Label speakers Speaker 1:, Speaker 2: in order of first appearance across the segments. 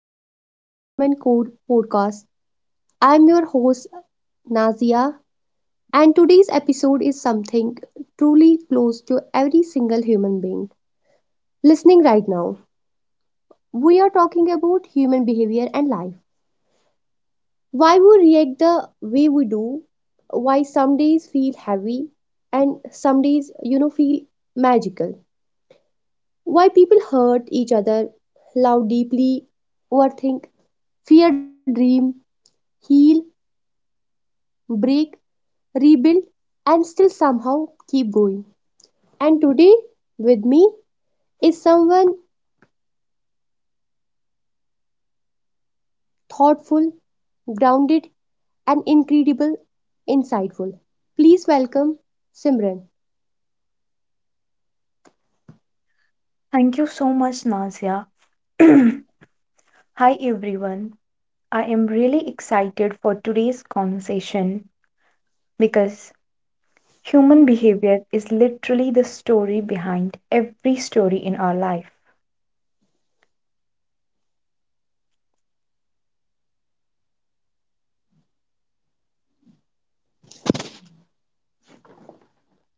Speaker 1: Back to the Human Code Podcast. I'm your host, Nazia, and today's episode is something truly close to every single human being listening right now. We are talking about human behavior and life. Why we react the way we do, why some days feel heavy, and some days, feel magical. Why people hurt each other, love deeply, overthink, fear, dream, heal, break, rebuild, and still somehow keep going. And today, with me is someone thoughtful, grounded, and incredible, insightful. Please welcome Simran.
Speaker 2: Thank you so much, Nazia. Hi, everyone. I am really excited for today's conversation because human behavior is literally the story behind every story in our life.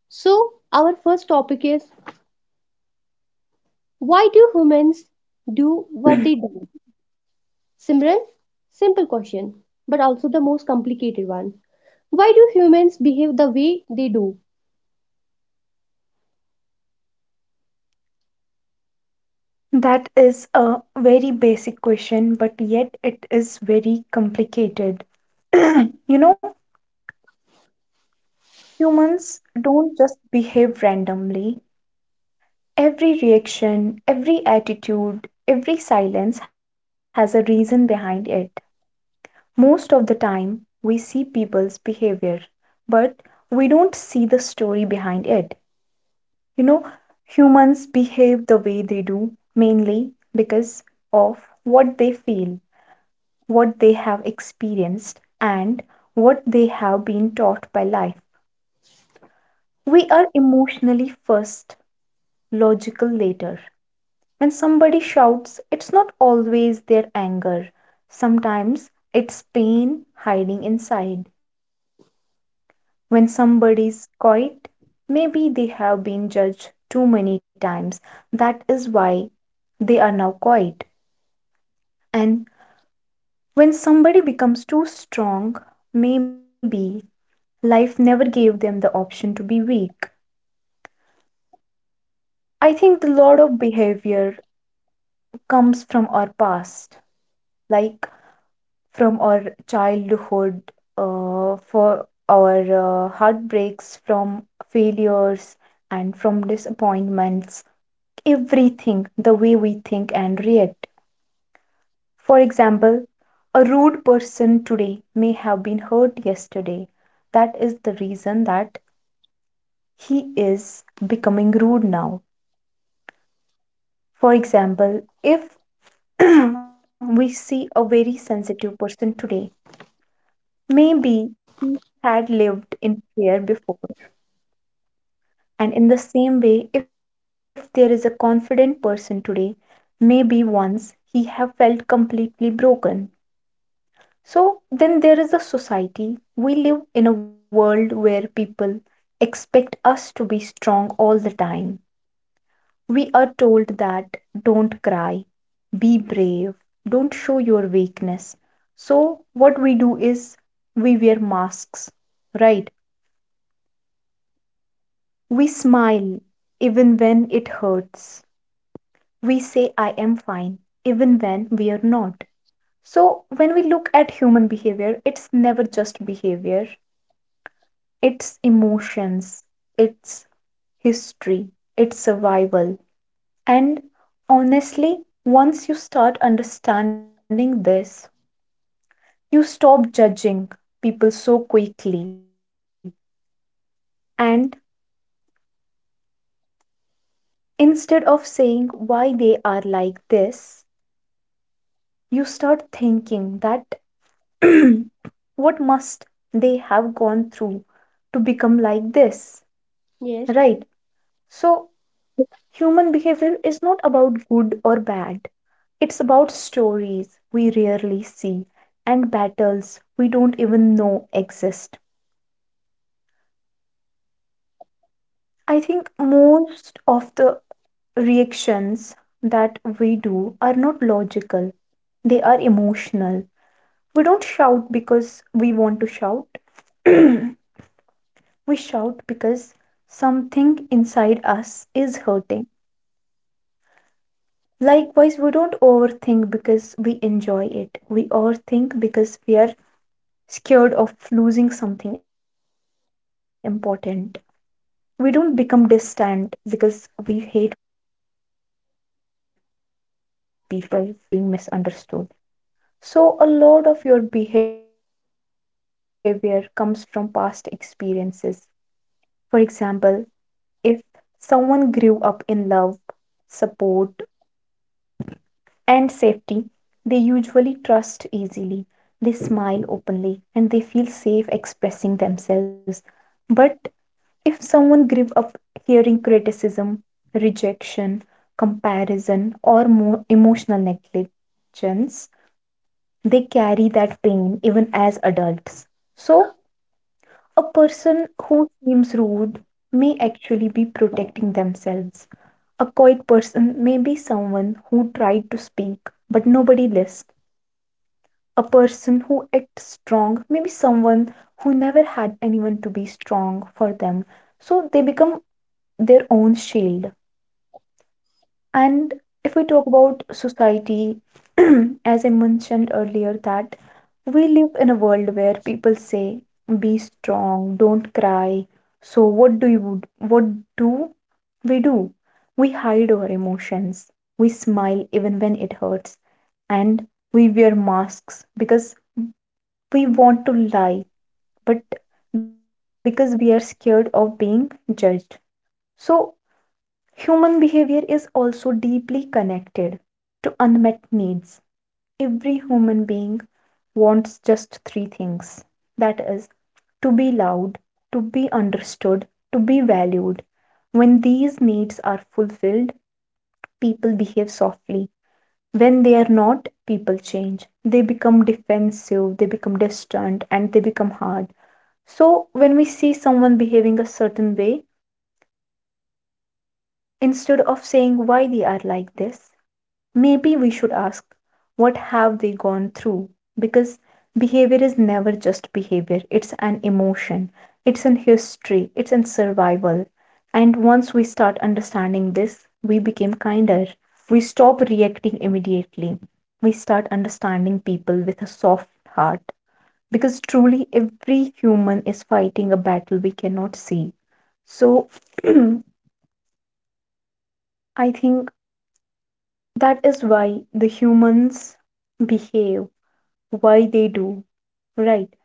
Speaker 1: So, our first topic is: why do humans do what they do? Simran, simple question, but also the most complicated one. Why do humans behave the way they do?
Speaker 2: That is a very basic question, but yet it is very complicated. You know, humans don't just behave randomly. Every reaction, every attitude, every silence has a reason behind it. Most of the time, we see people's behavior, but we don't see the story behind it. You know, humans behave the way they do mainly because of what they feel, what they have experienced, and what they have been taught by life. We are emotionally first, logical later. When somebody shouts, it's not always their anger, sometimes it's pain hiding inside. When somebody's quiet, maybe they have been judged too many times, that is why they are now quiet. And when somebody becomes too strong, maybe life never gave them the option to be weak. I think a lot of behavior comes from our past, like from our childhood, for our heartbreaks, from failures, and from disappointments. Everything the way we think and react. For example, a rude person today may have been hurt yesterday. That is the reason that he is becoming rude now. For example, if we see a very sensitive person today, maybe he had lived in fear before. And in the same way, if there is a confident person today, maybe once he have felt completely broken. So then there is a society. We live in a world where people expect us to be strong all the time. We are told that don't cry, be brave, don't show your weakness. So what we do is we wear masks, right? We smile even when it hurts. We say I am fine even when we are not. So when we look at human behavior, it's never just behavior, its emotions, its history, its survival. And honestly, once you start understanding this, you stop judging people so quickly. And instead of saying why they are like this, you start thinking that what must they have gone through to become like this,
Speaker 1: Yes,
Speaker 2: right? So, human behavior is not about good or bad. It's about stories we rarely see and battles we don't even know exist. I think most of the reactions that we do are not logical, they are emotional. We don't shout because we want to shout, we shout because something inside us is hurting. Likewise, we don't overthink because we enjoy it, we overthink because we are scared of losing something important. We don't become distant because we hate people. Sometimes we distance ourselves because we are tired of being misunderstood. So, a lot of your behavior comes from past experiences. For example, if someone grew up in love, support, and safety, they usually trust easily, they smile openly, and they feel safe expressing themselves. But if someone grew up hearing criticism, rejection, comparison, or more emotional negligence, they carry that pain even as adults. So, a person who seems rude may actually be protecting themselves. A quiet person may be someone who tried to speak but nobody listened. A person who acts strong may be someone who never had anyone to be strong for them. So they become their own shield. And if we talk about society, as I mentioned earlier, that we live in a world where people say, "Be strong, don't cry." So what do do? We hide our emotions. We smile even when it hurts, and we wear masks because we want to lie, but because we are scared of being judged. So human behavior is also deeply connected to unmet needs. Every human being wants just three things, that is, to be loved, to be understood, to be valued. When these needs are fulfilled, people behave softly. When they are not, people change. They become defensive, they become distant, and they become hard. So, when we see someone behaving a certain way, instead of saying why they are like this, maybe we should ask, what have they gone through? Because behavior is never just behavior, it's an emotion, it's an history, it's an survival. And once we start understanding this, we become kinder. We stop reacting immediately. We start understanding people with a soft heart. Because truly, every human is fighting a battle we cannot see. So, I think that is why the humans behave why they do, right?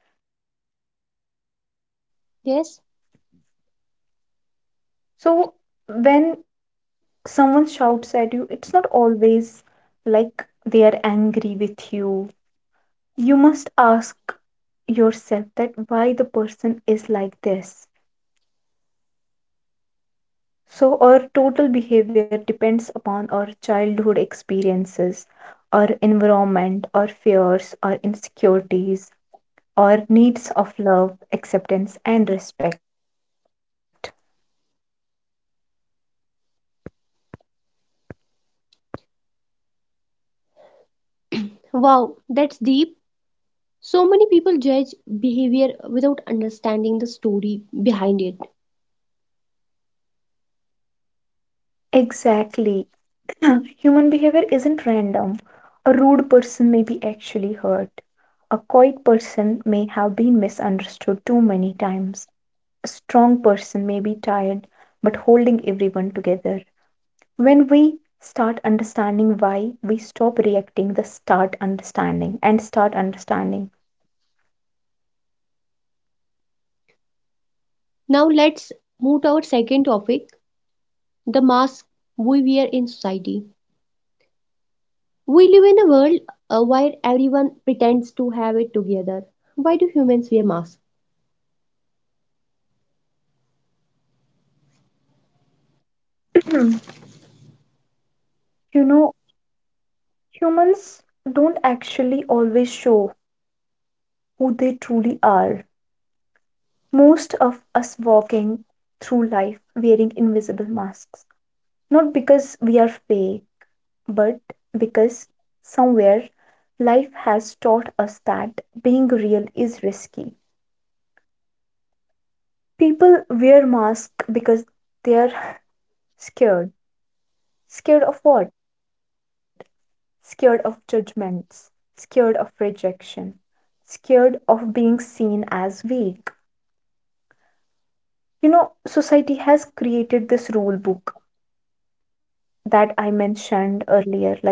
Speaker 1: yes.
Speaker 2: So when someone shouts at you, it's not always like they are angry with you. You must ask yourself that why the person is like this. So our total behavior depends upon our childhood experiences, our environment, our fears, our insecurities, our needs of love, acceptance, and respect.
Speaker 1: Wow, that's deep. So many people judge behavior without understanding the story behind it.
Speaker 2: Exactly. Human behavior isn't random. A rude person may be actually hurt. A quiet person may have been misunderstood too many times. A strong person may be tired but holding everyone together. When we start understanding why, we stop reacting, the start understanding and start understanding.
Speaker 1: Now let's move to our second topic: the mask we wear in society. We live in a world, where everyone pretends to have it together. Why do humans wear masks?
Speaker 2: You know, humans don't actually always show who they truly are. Most of us walking through life wearing invisible masks, not because we are fake, but because somewhere life has taught us that being real is risky. People wear masks because they are scared. Scared of what? Scared of judgments, scared of rejection, scared of being seen as weak. You know, society has created this rule book that I mentioned earlier, like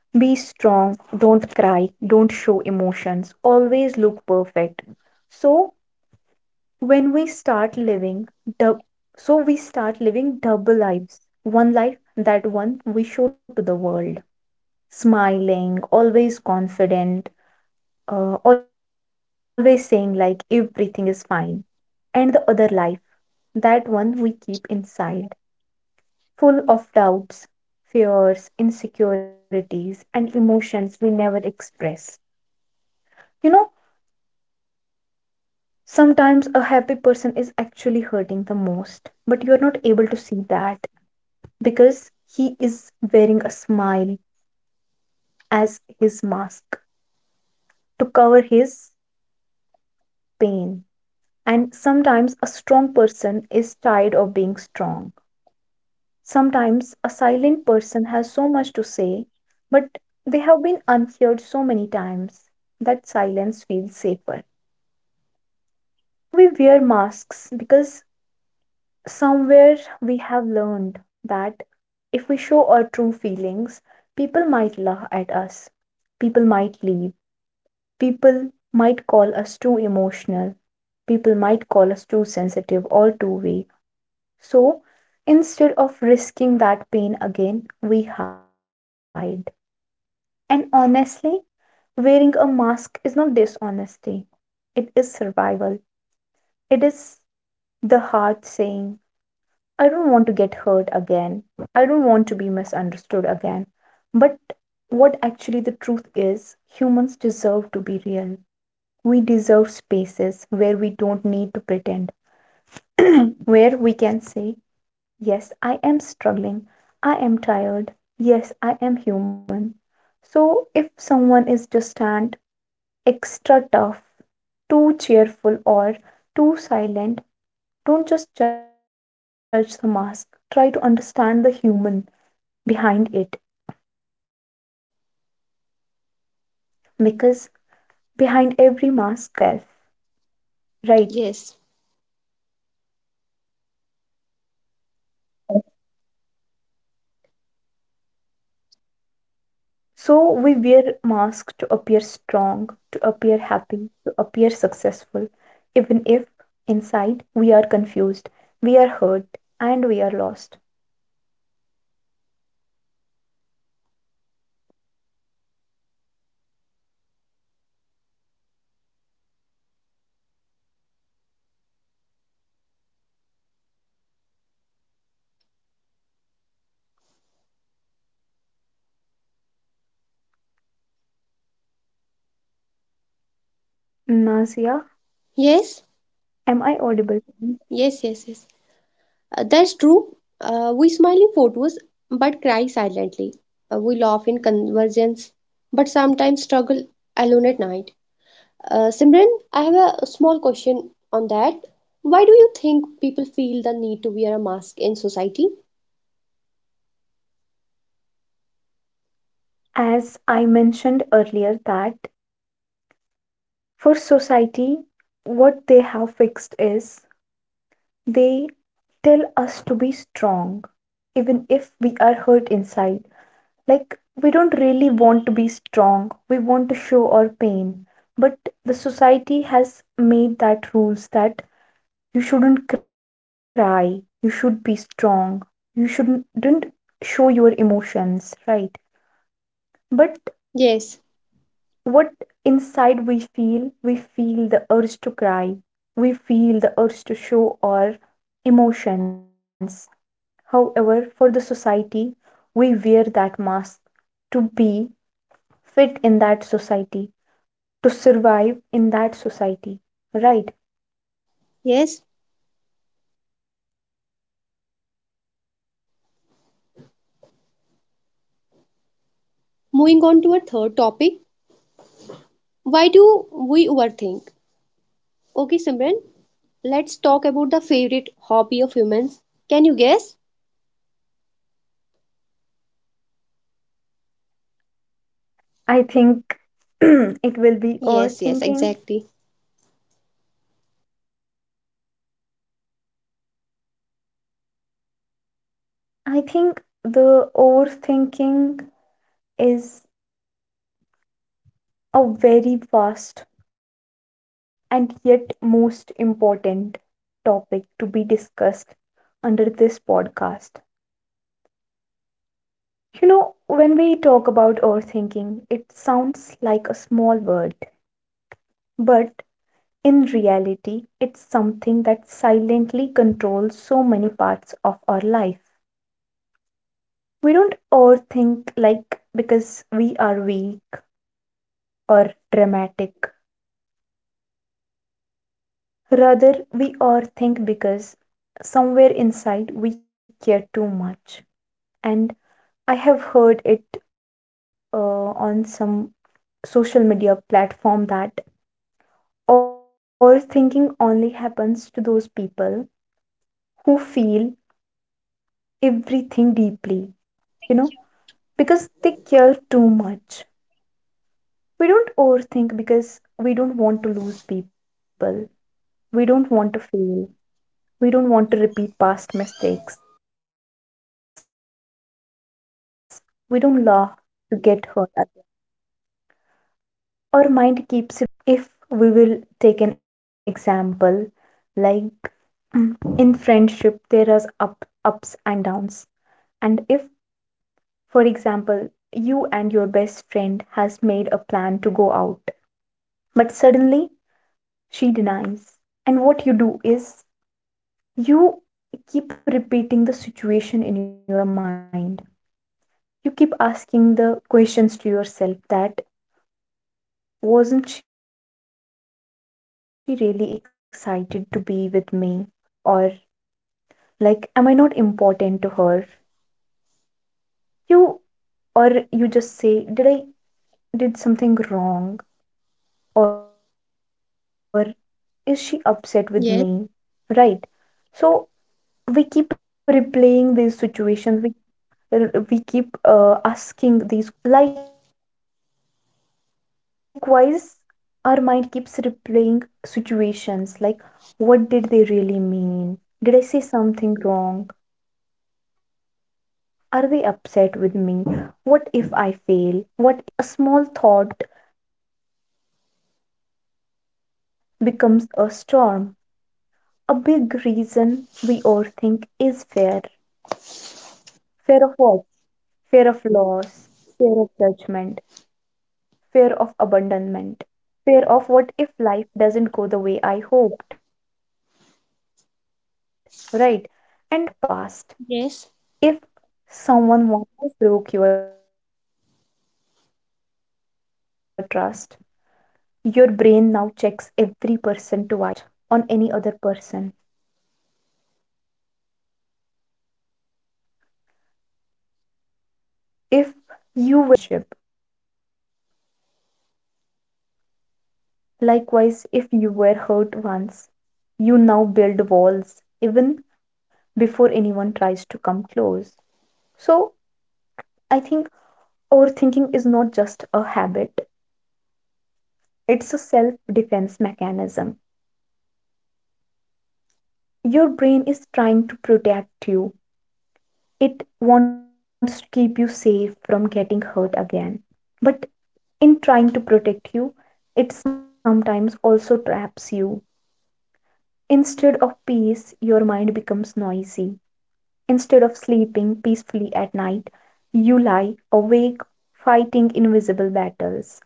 Speaker 2: be strong, don't cry, don't show emotions, always look perfect. So when we start living, dub- so we start living double lives. One life, that one we show to the world, smiling, always confident, always saying like everything is fine. And the other life, that one we keep inside, full of doubts, fears, insecurities, and emotions we never express. You know, sometimes a happy person is actually hurting the most, but you're not able to see that because he is wearing a smile as his mask to cover his pain. And sometimes a strong person is tired of being strong. Sometimes a silent person has so much to say, but they have been unheard so many times that silence feels safer. We wear masks because somewhere we have learned that if we show our true feelings, people might laugh at us, people might leave, people might call us too emotional, people might call us too sensitive or too weak. So instead of risking that pain again, we hide. And honestly, wearing a mask is not dishonesty, it is survival. It is the heart saying, I don't want to get hurt again, I don't want to be misunderstood again. But what actually the truth is, humans deserve to be real. We deserve spaces where we don't need to pretend, where we can say, yes, I am struggling, I am tired, yes, I am human. So if someone is distant, extra tough, too cheerful, or too silent, don't just judge the mask. Try to understand the human behind it because behind every mask there is heart simply
Speaker 1: Yes,
Speaker 2: trying to protect itself, right? So we wear masks to appear strong, to appear happy, to appear successful, even if inside we are confused, we are hurt, and we are lost. Nazia,
Speaker 1: yes,
Speaker 2: am I audible?
Speaker 1: yes, yes, yes. That's true. We smile in photos but cry silently. We laugh in conversations but sometimes struggle alone at night. Simran, I have a small question on that. Why do you think people feel the need to wear a mask in society?
Speaker 2: As I mentioned earlier, that for society, what they have fixed is they tell us to be strong, even if we are hurt inside. Like, we don't really want to be strong, we want to show our pain. But the society has made that rules that you shouldn't cry, you should be strong, you shouldn't didn't show your emotions, right? But
Speaker 1: Yes,
Speaker 2: what inside we feel the urge to cry, we feel the urge to show our emotions, however for the society we wear that mask to be fit in that society, to survive in that society, right?
Speaker 1: yes. Moving on to our third topic, why do we overthink? Okay, Simran, let's talk about the favorite hobby of humans. Can you guess?
Speaker 2: I think it will be
Speaker 1: Yes, yes,
Speaker 2: overthinking.
Speaker 1: exactly.
Speaker 2: I think the overthinking is a very vast and yet most important topic to be discussed under this podcast. You know, when we talk about overthinking, it sounds like a small word, but in reality, it's something that silently controls so many parts of our life. We don't overthink like because we are weak or dramatic. Rather, we overthink because somewhere inside we care too much. And I have heard it on some social media platform that overthinking only happens to those people who feel everything deeply, you know, because they care too much. We don't overthink because we don't want to lose people. We don't want to fail. We don't want to repeat past mistakes. We don't laugh to get hurt. Our mind keeps replaying situations. What did they really mean? If we will take an example, like in friendship, there are ups and downs. And if, for example, you and your best friend has made a plan to go out, but suddenly she denies. And what you do is you keep repeating the situation in your mind. You keep asking the questions to yourself that, wasn't she really excited to be with me? Or, like, am I not important to her? You, or you just say, did I did something wrong? Or is she upset with me?
Speaker 1: Yes,
Speaker 2: Right. So we keep replaying these situations. We, we keep asking these questions on repeated mode. Likewise, our mind keeps replaying situations like, what did they really mean? Did I say something wrong? Are they upset with me? What if I fail? What if I am not enough? And suddenly, a small thought becomes a storm. A big reason we overthink is fear. Fear of what? Fear of loss, fear of judgment, fear of abandonment, fear of what if life doesn't go the way I hoped, right? And honestly, a lot of this fear comes from
Speaker 1: yes.
Speaker 2: our past. If someone once broke your trust, your brain now checks every person twice. You are unable to trust on any other person. If you were ignored once, you now question every relationship. Likewise, if you were hurt once, you now build walls even before anyone tries to come close. So, I think overthinking is not just a habit, it's a self defense mechanism. Your brain is trying to protect you, it wants to keep you safe from getting hurt again. But in trying to protect you, it sometimes also traps you. Instead of peace, your mind becomes noisy. Instead of sleeping peacefully at night, you lie awake fighting invisible battles.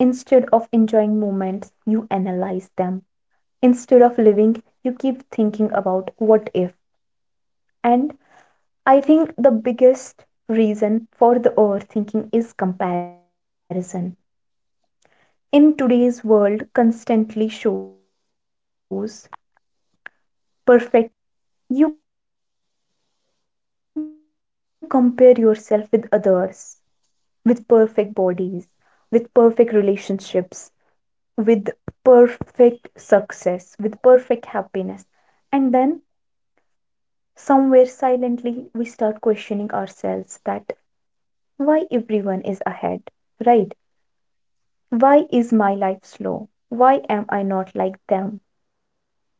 Speaker 2: Instead of enjoying moments, you analyze them. Instead of living, you keep thinking about what if. And I think the biggest reason for the overthinking is comparison. In today's world, constantly shows perfect lives, right? So you compare yourself with others, with perfect bodies, with perfect relationships, with perfect success, with perfect happiness. And then somewhere silently we start questioning ourselves that why everyone is ahead, right? Why is my life slow? Why am I not like them?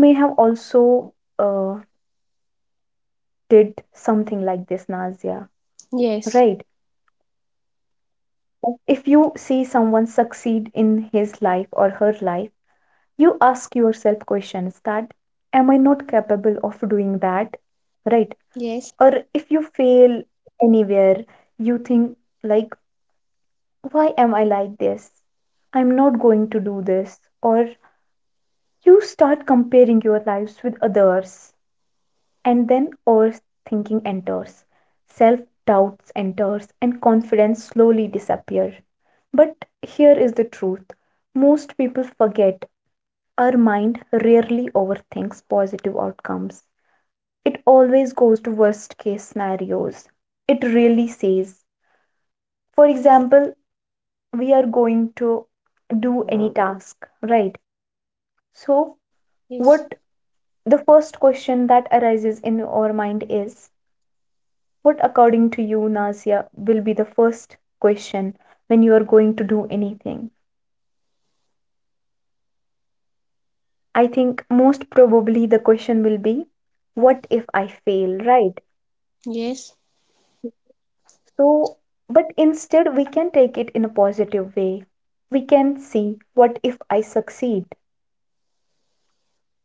Speaker 2: You may have also uh, did something like this, Nazia,
Speaker 1: Yes,
Speaker 2: right? If you see someone succeed in his life or her life, you ask yourself questions that am I not capable of doing that, right?
Speaker 1: yes,
Speaker 2: Or if you fail anywhere, you think like, why am I like this? I'm not going to do this. Or you start comparing your lives with others, and then overthinking enters, self doubts enters, and confidence slowly disappear. But here is the truth most people forget. Our mind rarely overthinks positive outcomes. It always goes to worst case scenarios. It really says, for example, we are going to do any task, right? So,
Speaker 1: yes,
Speaker 2: what, the first question that arises in our mind is, what according to you, Nazia, will be the first question when you are going to do anything? I think most probably the question will be, what if I fail, right?
Speaker 1: yes,
Speaker 2: So, but instead, we can take it in a positive way. We can see, what if I succeed?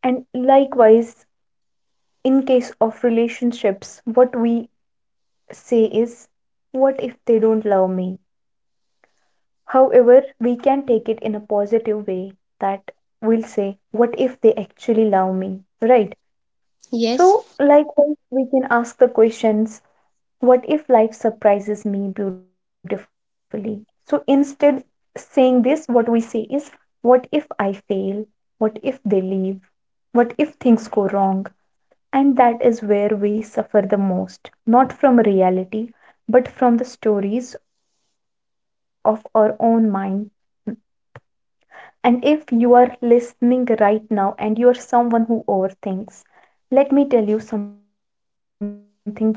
Speaker 2: And likewise, in case of relationships, what we say is, what if they don't love me? However, we can take it in a positive way that we'll say, what if they actually love me? Right?
Speaker 1: yes,
Speaker 2: So, likewise, we can ask the questions, what if life surprises me beautifully? So instead saying this, what we say is, what if I fail? What if they leave? What if things go wrong? And that is where we suffer the most, not from reality, but from the stories of our own mind. And if you are listening right now and you are someone who overthinks, let me tell you something gently.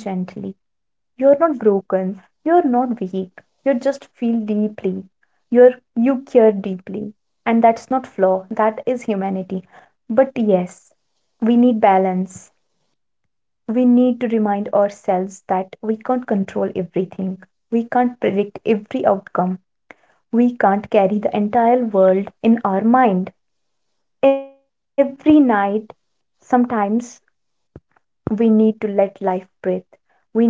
Speaker 2: You're not broken. You're not weak. You just feel deeply. You're you care deeply. And that's not flaw. That is humanity. But yes, we need balance. We need to remind ourselves that we can't control everything. We can't predict every outcome. We can't carry the entire world in our mind. Every night, sometimes we need to let life breathe.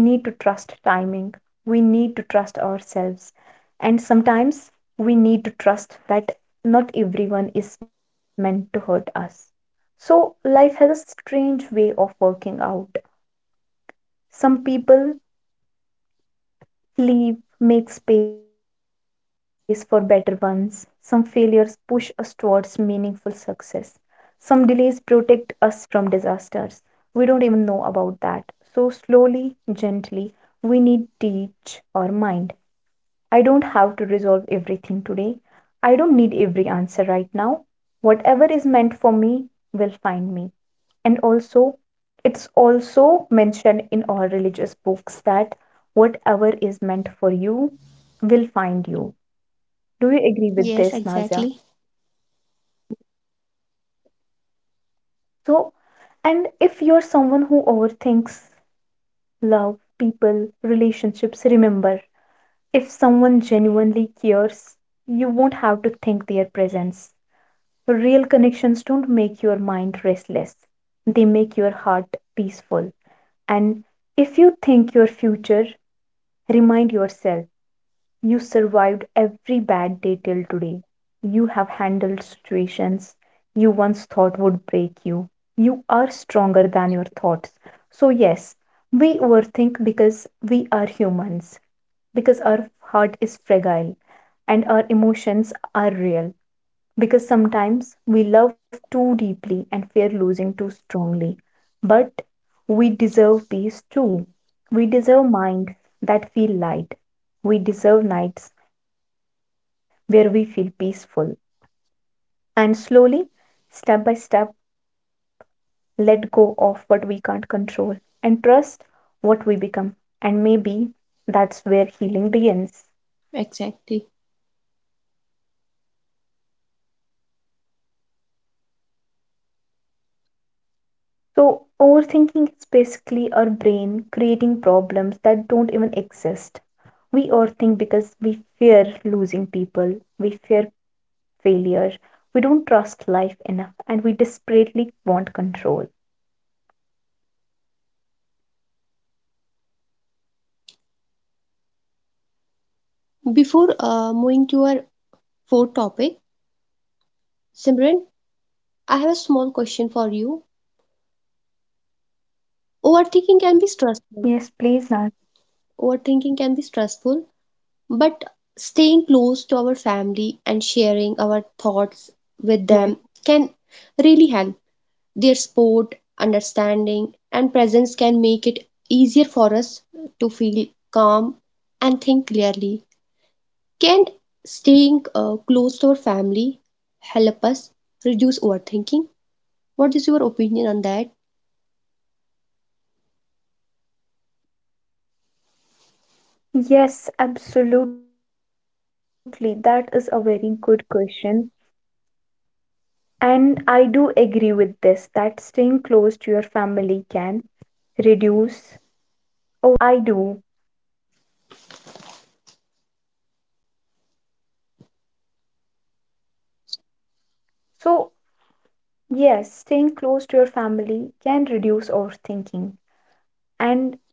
Speaker 2: We need to trust timing. We need to trust ourselves. And sometimes we need to trust that not everyone is meant to hurt us. So, life has a strange way of working out. Some people leave, make space for better ones. Some failures push us towards meaningful success. Some delays protect us from disasters. We don't even know about that. So, slowly, gently, we need to teach our mind. I don't have to resolve everything today. I don't need every answer right now. Whatever is meant for me will find me, and also it's also mentioned in all religious books that whatever is meant for you will find you. Do you agree
Speaker 1: yes,
Speaker 2: with this,
Speaker 1: exactly,
Speaker 2: Nazia? So, and if you're someone who overthinks love, people, relationships, remember, if someone genuinely cares, you won't have to think their presence. Real connections don't make your mind restless, they make your heart peaceful. And if you think your future, remind yourself, you survived every bad day till today. You have handled situations you once thought would break you. You are stronger than your thoughts. So, yes, we overthink because we are humans, because our heart is fragile and our emotions are real. Because sometimes we love too deeply and fear losing too strongly. But we deserve peace too. We deserve mind that feel light. We deserve nights where we feel peaceful. And slowly, step by step, let go of what we can't control and trust what we become. And maybe that's where healing begins.
Speaker 1: exactly.
Speaker 2: So, overthinking is basically our brain creating problems that don't even exist. We overthink because we fear losing people, we fear failure, we don't trust life enough, and we desperately want control.
Speaker 1: Before moving to our fourth topic, Simran, I have a small question for you. Overthinking can be stressful.
Speaker 2: Yes, please, Nag.
Speaker 1: Overthinking can be stressful, but staying close to our
Speaker 2: Yes.
Speaker 1: family and sharing our thoughts with them can really help. Their support, understanding, and presence can make it easier for us to feel calm and think clearly. Can staying close to our family help us reduce overthinking? What is your opinion on that?
Speaker 2: Yes, absolutely. That is a very good question. And I do agree with this that staying close to your family can reduce overthinking. I think it's something that I do. So, yes, staying close to your family can reduce overthinking. And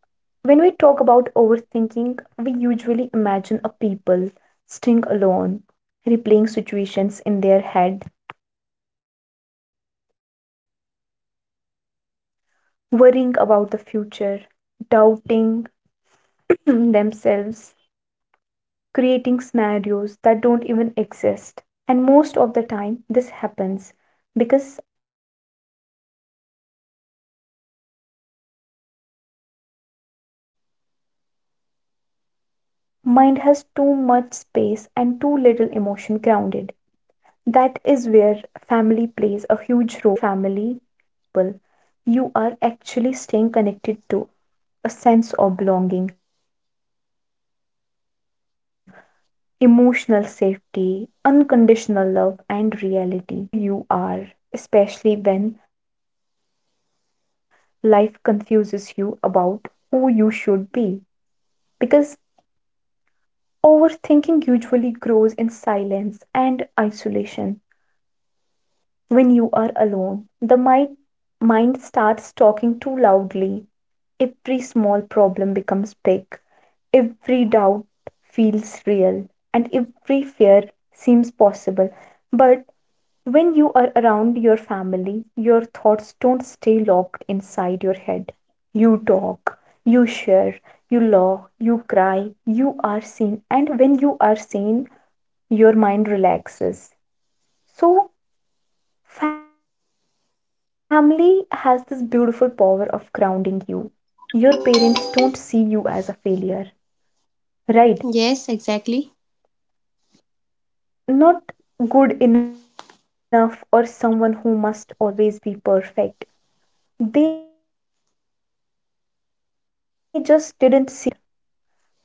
Speaker 2: when we talk about overthinking, we usually imagine a people staying alone, replaying situations in their head, worrying about the future, doubting themselves, creating scenarios that don't even exist. And most of the time, this happens because mind has too much space and too little emotion grounded. That is where family plays a huge role. When you stay close to your family, physically or emotionally, you are not just staying with people, you are actually staying connected to a sense of belonging, emotional safety, unconditional love, and reality. Because family reminds you who you are, especially when life confuses you about who you should be. Because overthinking usually grows in silence and isolation. When you are alone, the mind starts talking too loudly. Every small problem becomes big, every doubt feels real, and every fear seems possible. But when you are around your family, your thoughts don't stay locked inside your head. You talk, you share, you laugh, you cry, you are seen, and when you are seen, your mind relaxes. So, family has this beautiful power of grounding you. Your parents don't see you as a failure, right?
Speaker 1: Yes, exactly.
Speaker 2: Not good enough or someone who must always be perfect. They just didn't see you as their child. They just see you as their child.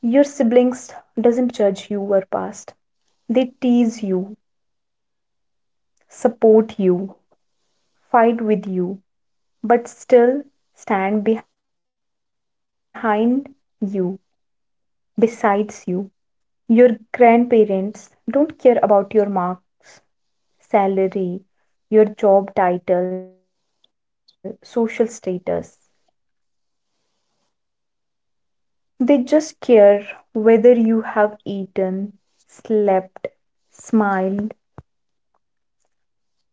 Speaker 2: Your siblings doesn't judge you or past. They tease you, support you, fight with you, but still stand behind you, besides you. Your grandparents don't care about your marks, salary, your job title, social status. They just care whether you have eaten, slept, smiled.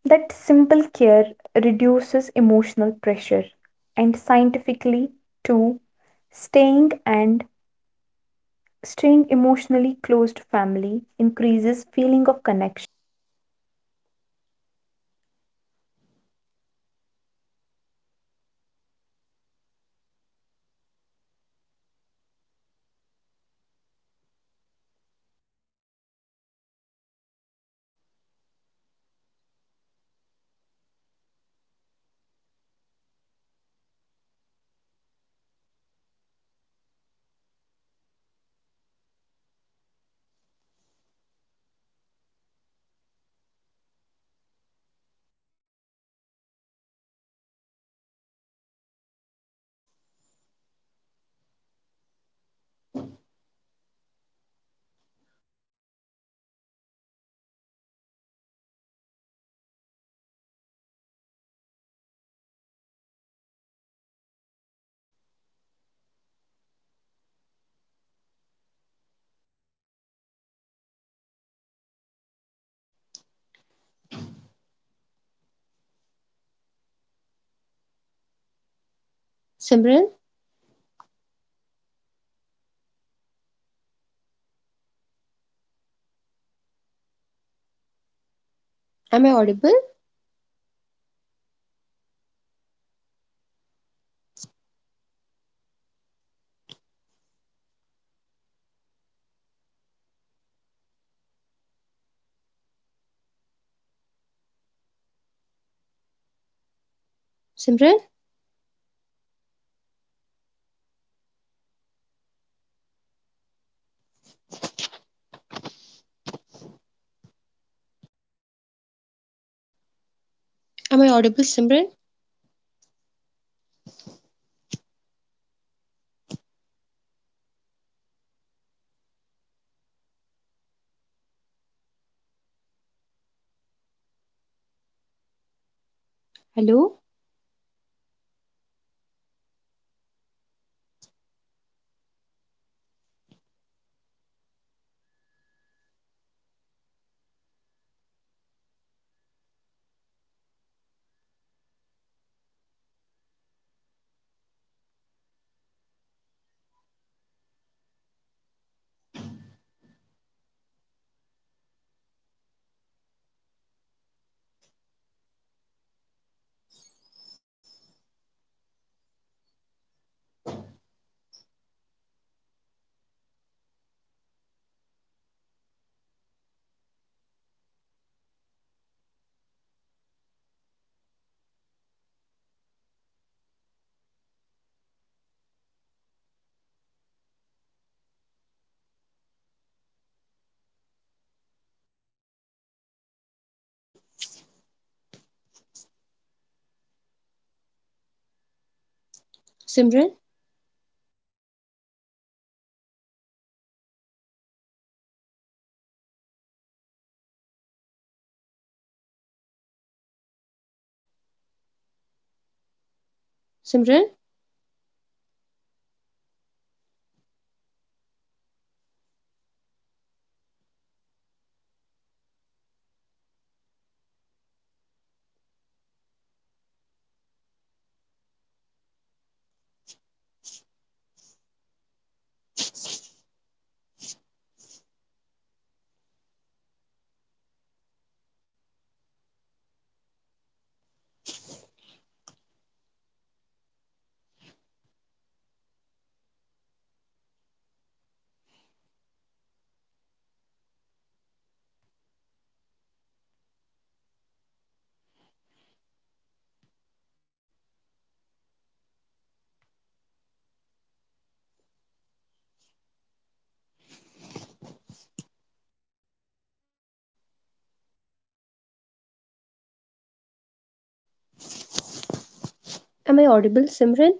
Speaker 2: That simple care reduces emotional pressure, and scientifically too, staying and staying emotionally close to family increases feeling of connection, releases feel good hormones, reduce anxiety, and calms the nervous system. When your nervous system feels safe, your brain stops going into overthinking survival mode. So, family also brings perspective. Sometimes the things we stress about are actually very small, but our mind magnifies them. Nazia, hello, hello.
Speaker 1: Simran, am I audible? Simran, am I audible? Simran, hello? Simran, Simran, am I audible? Simran,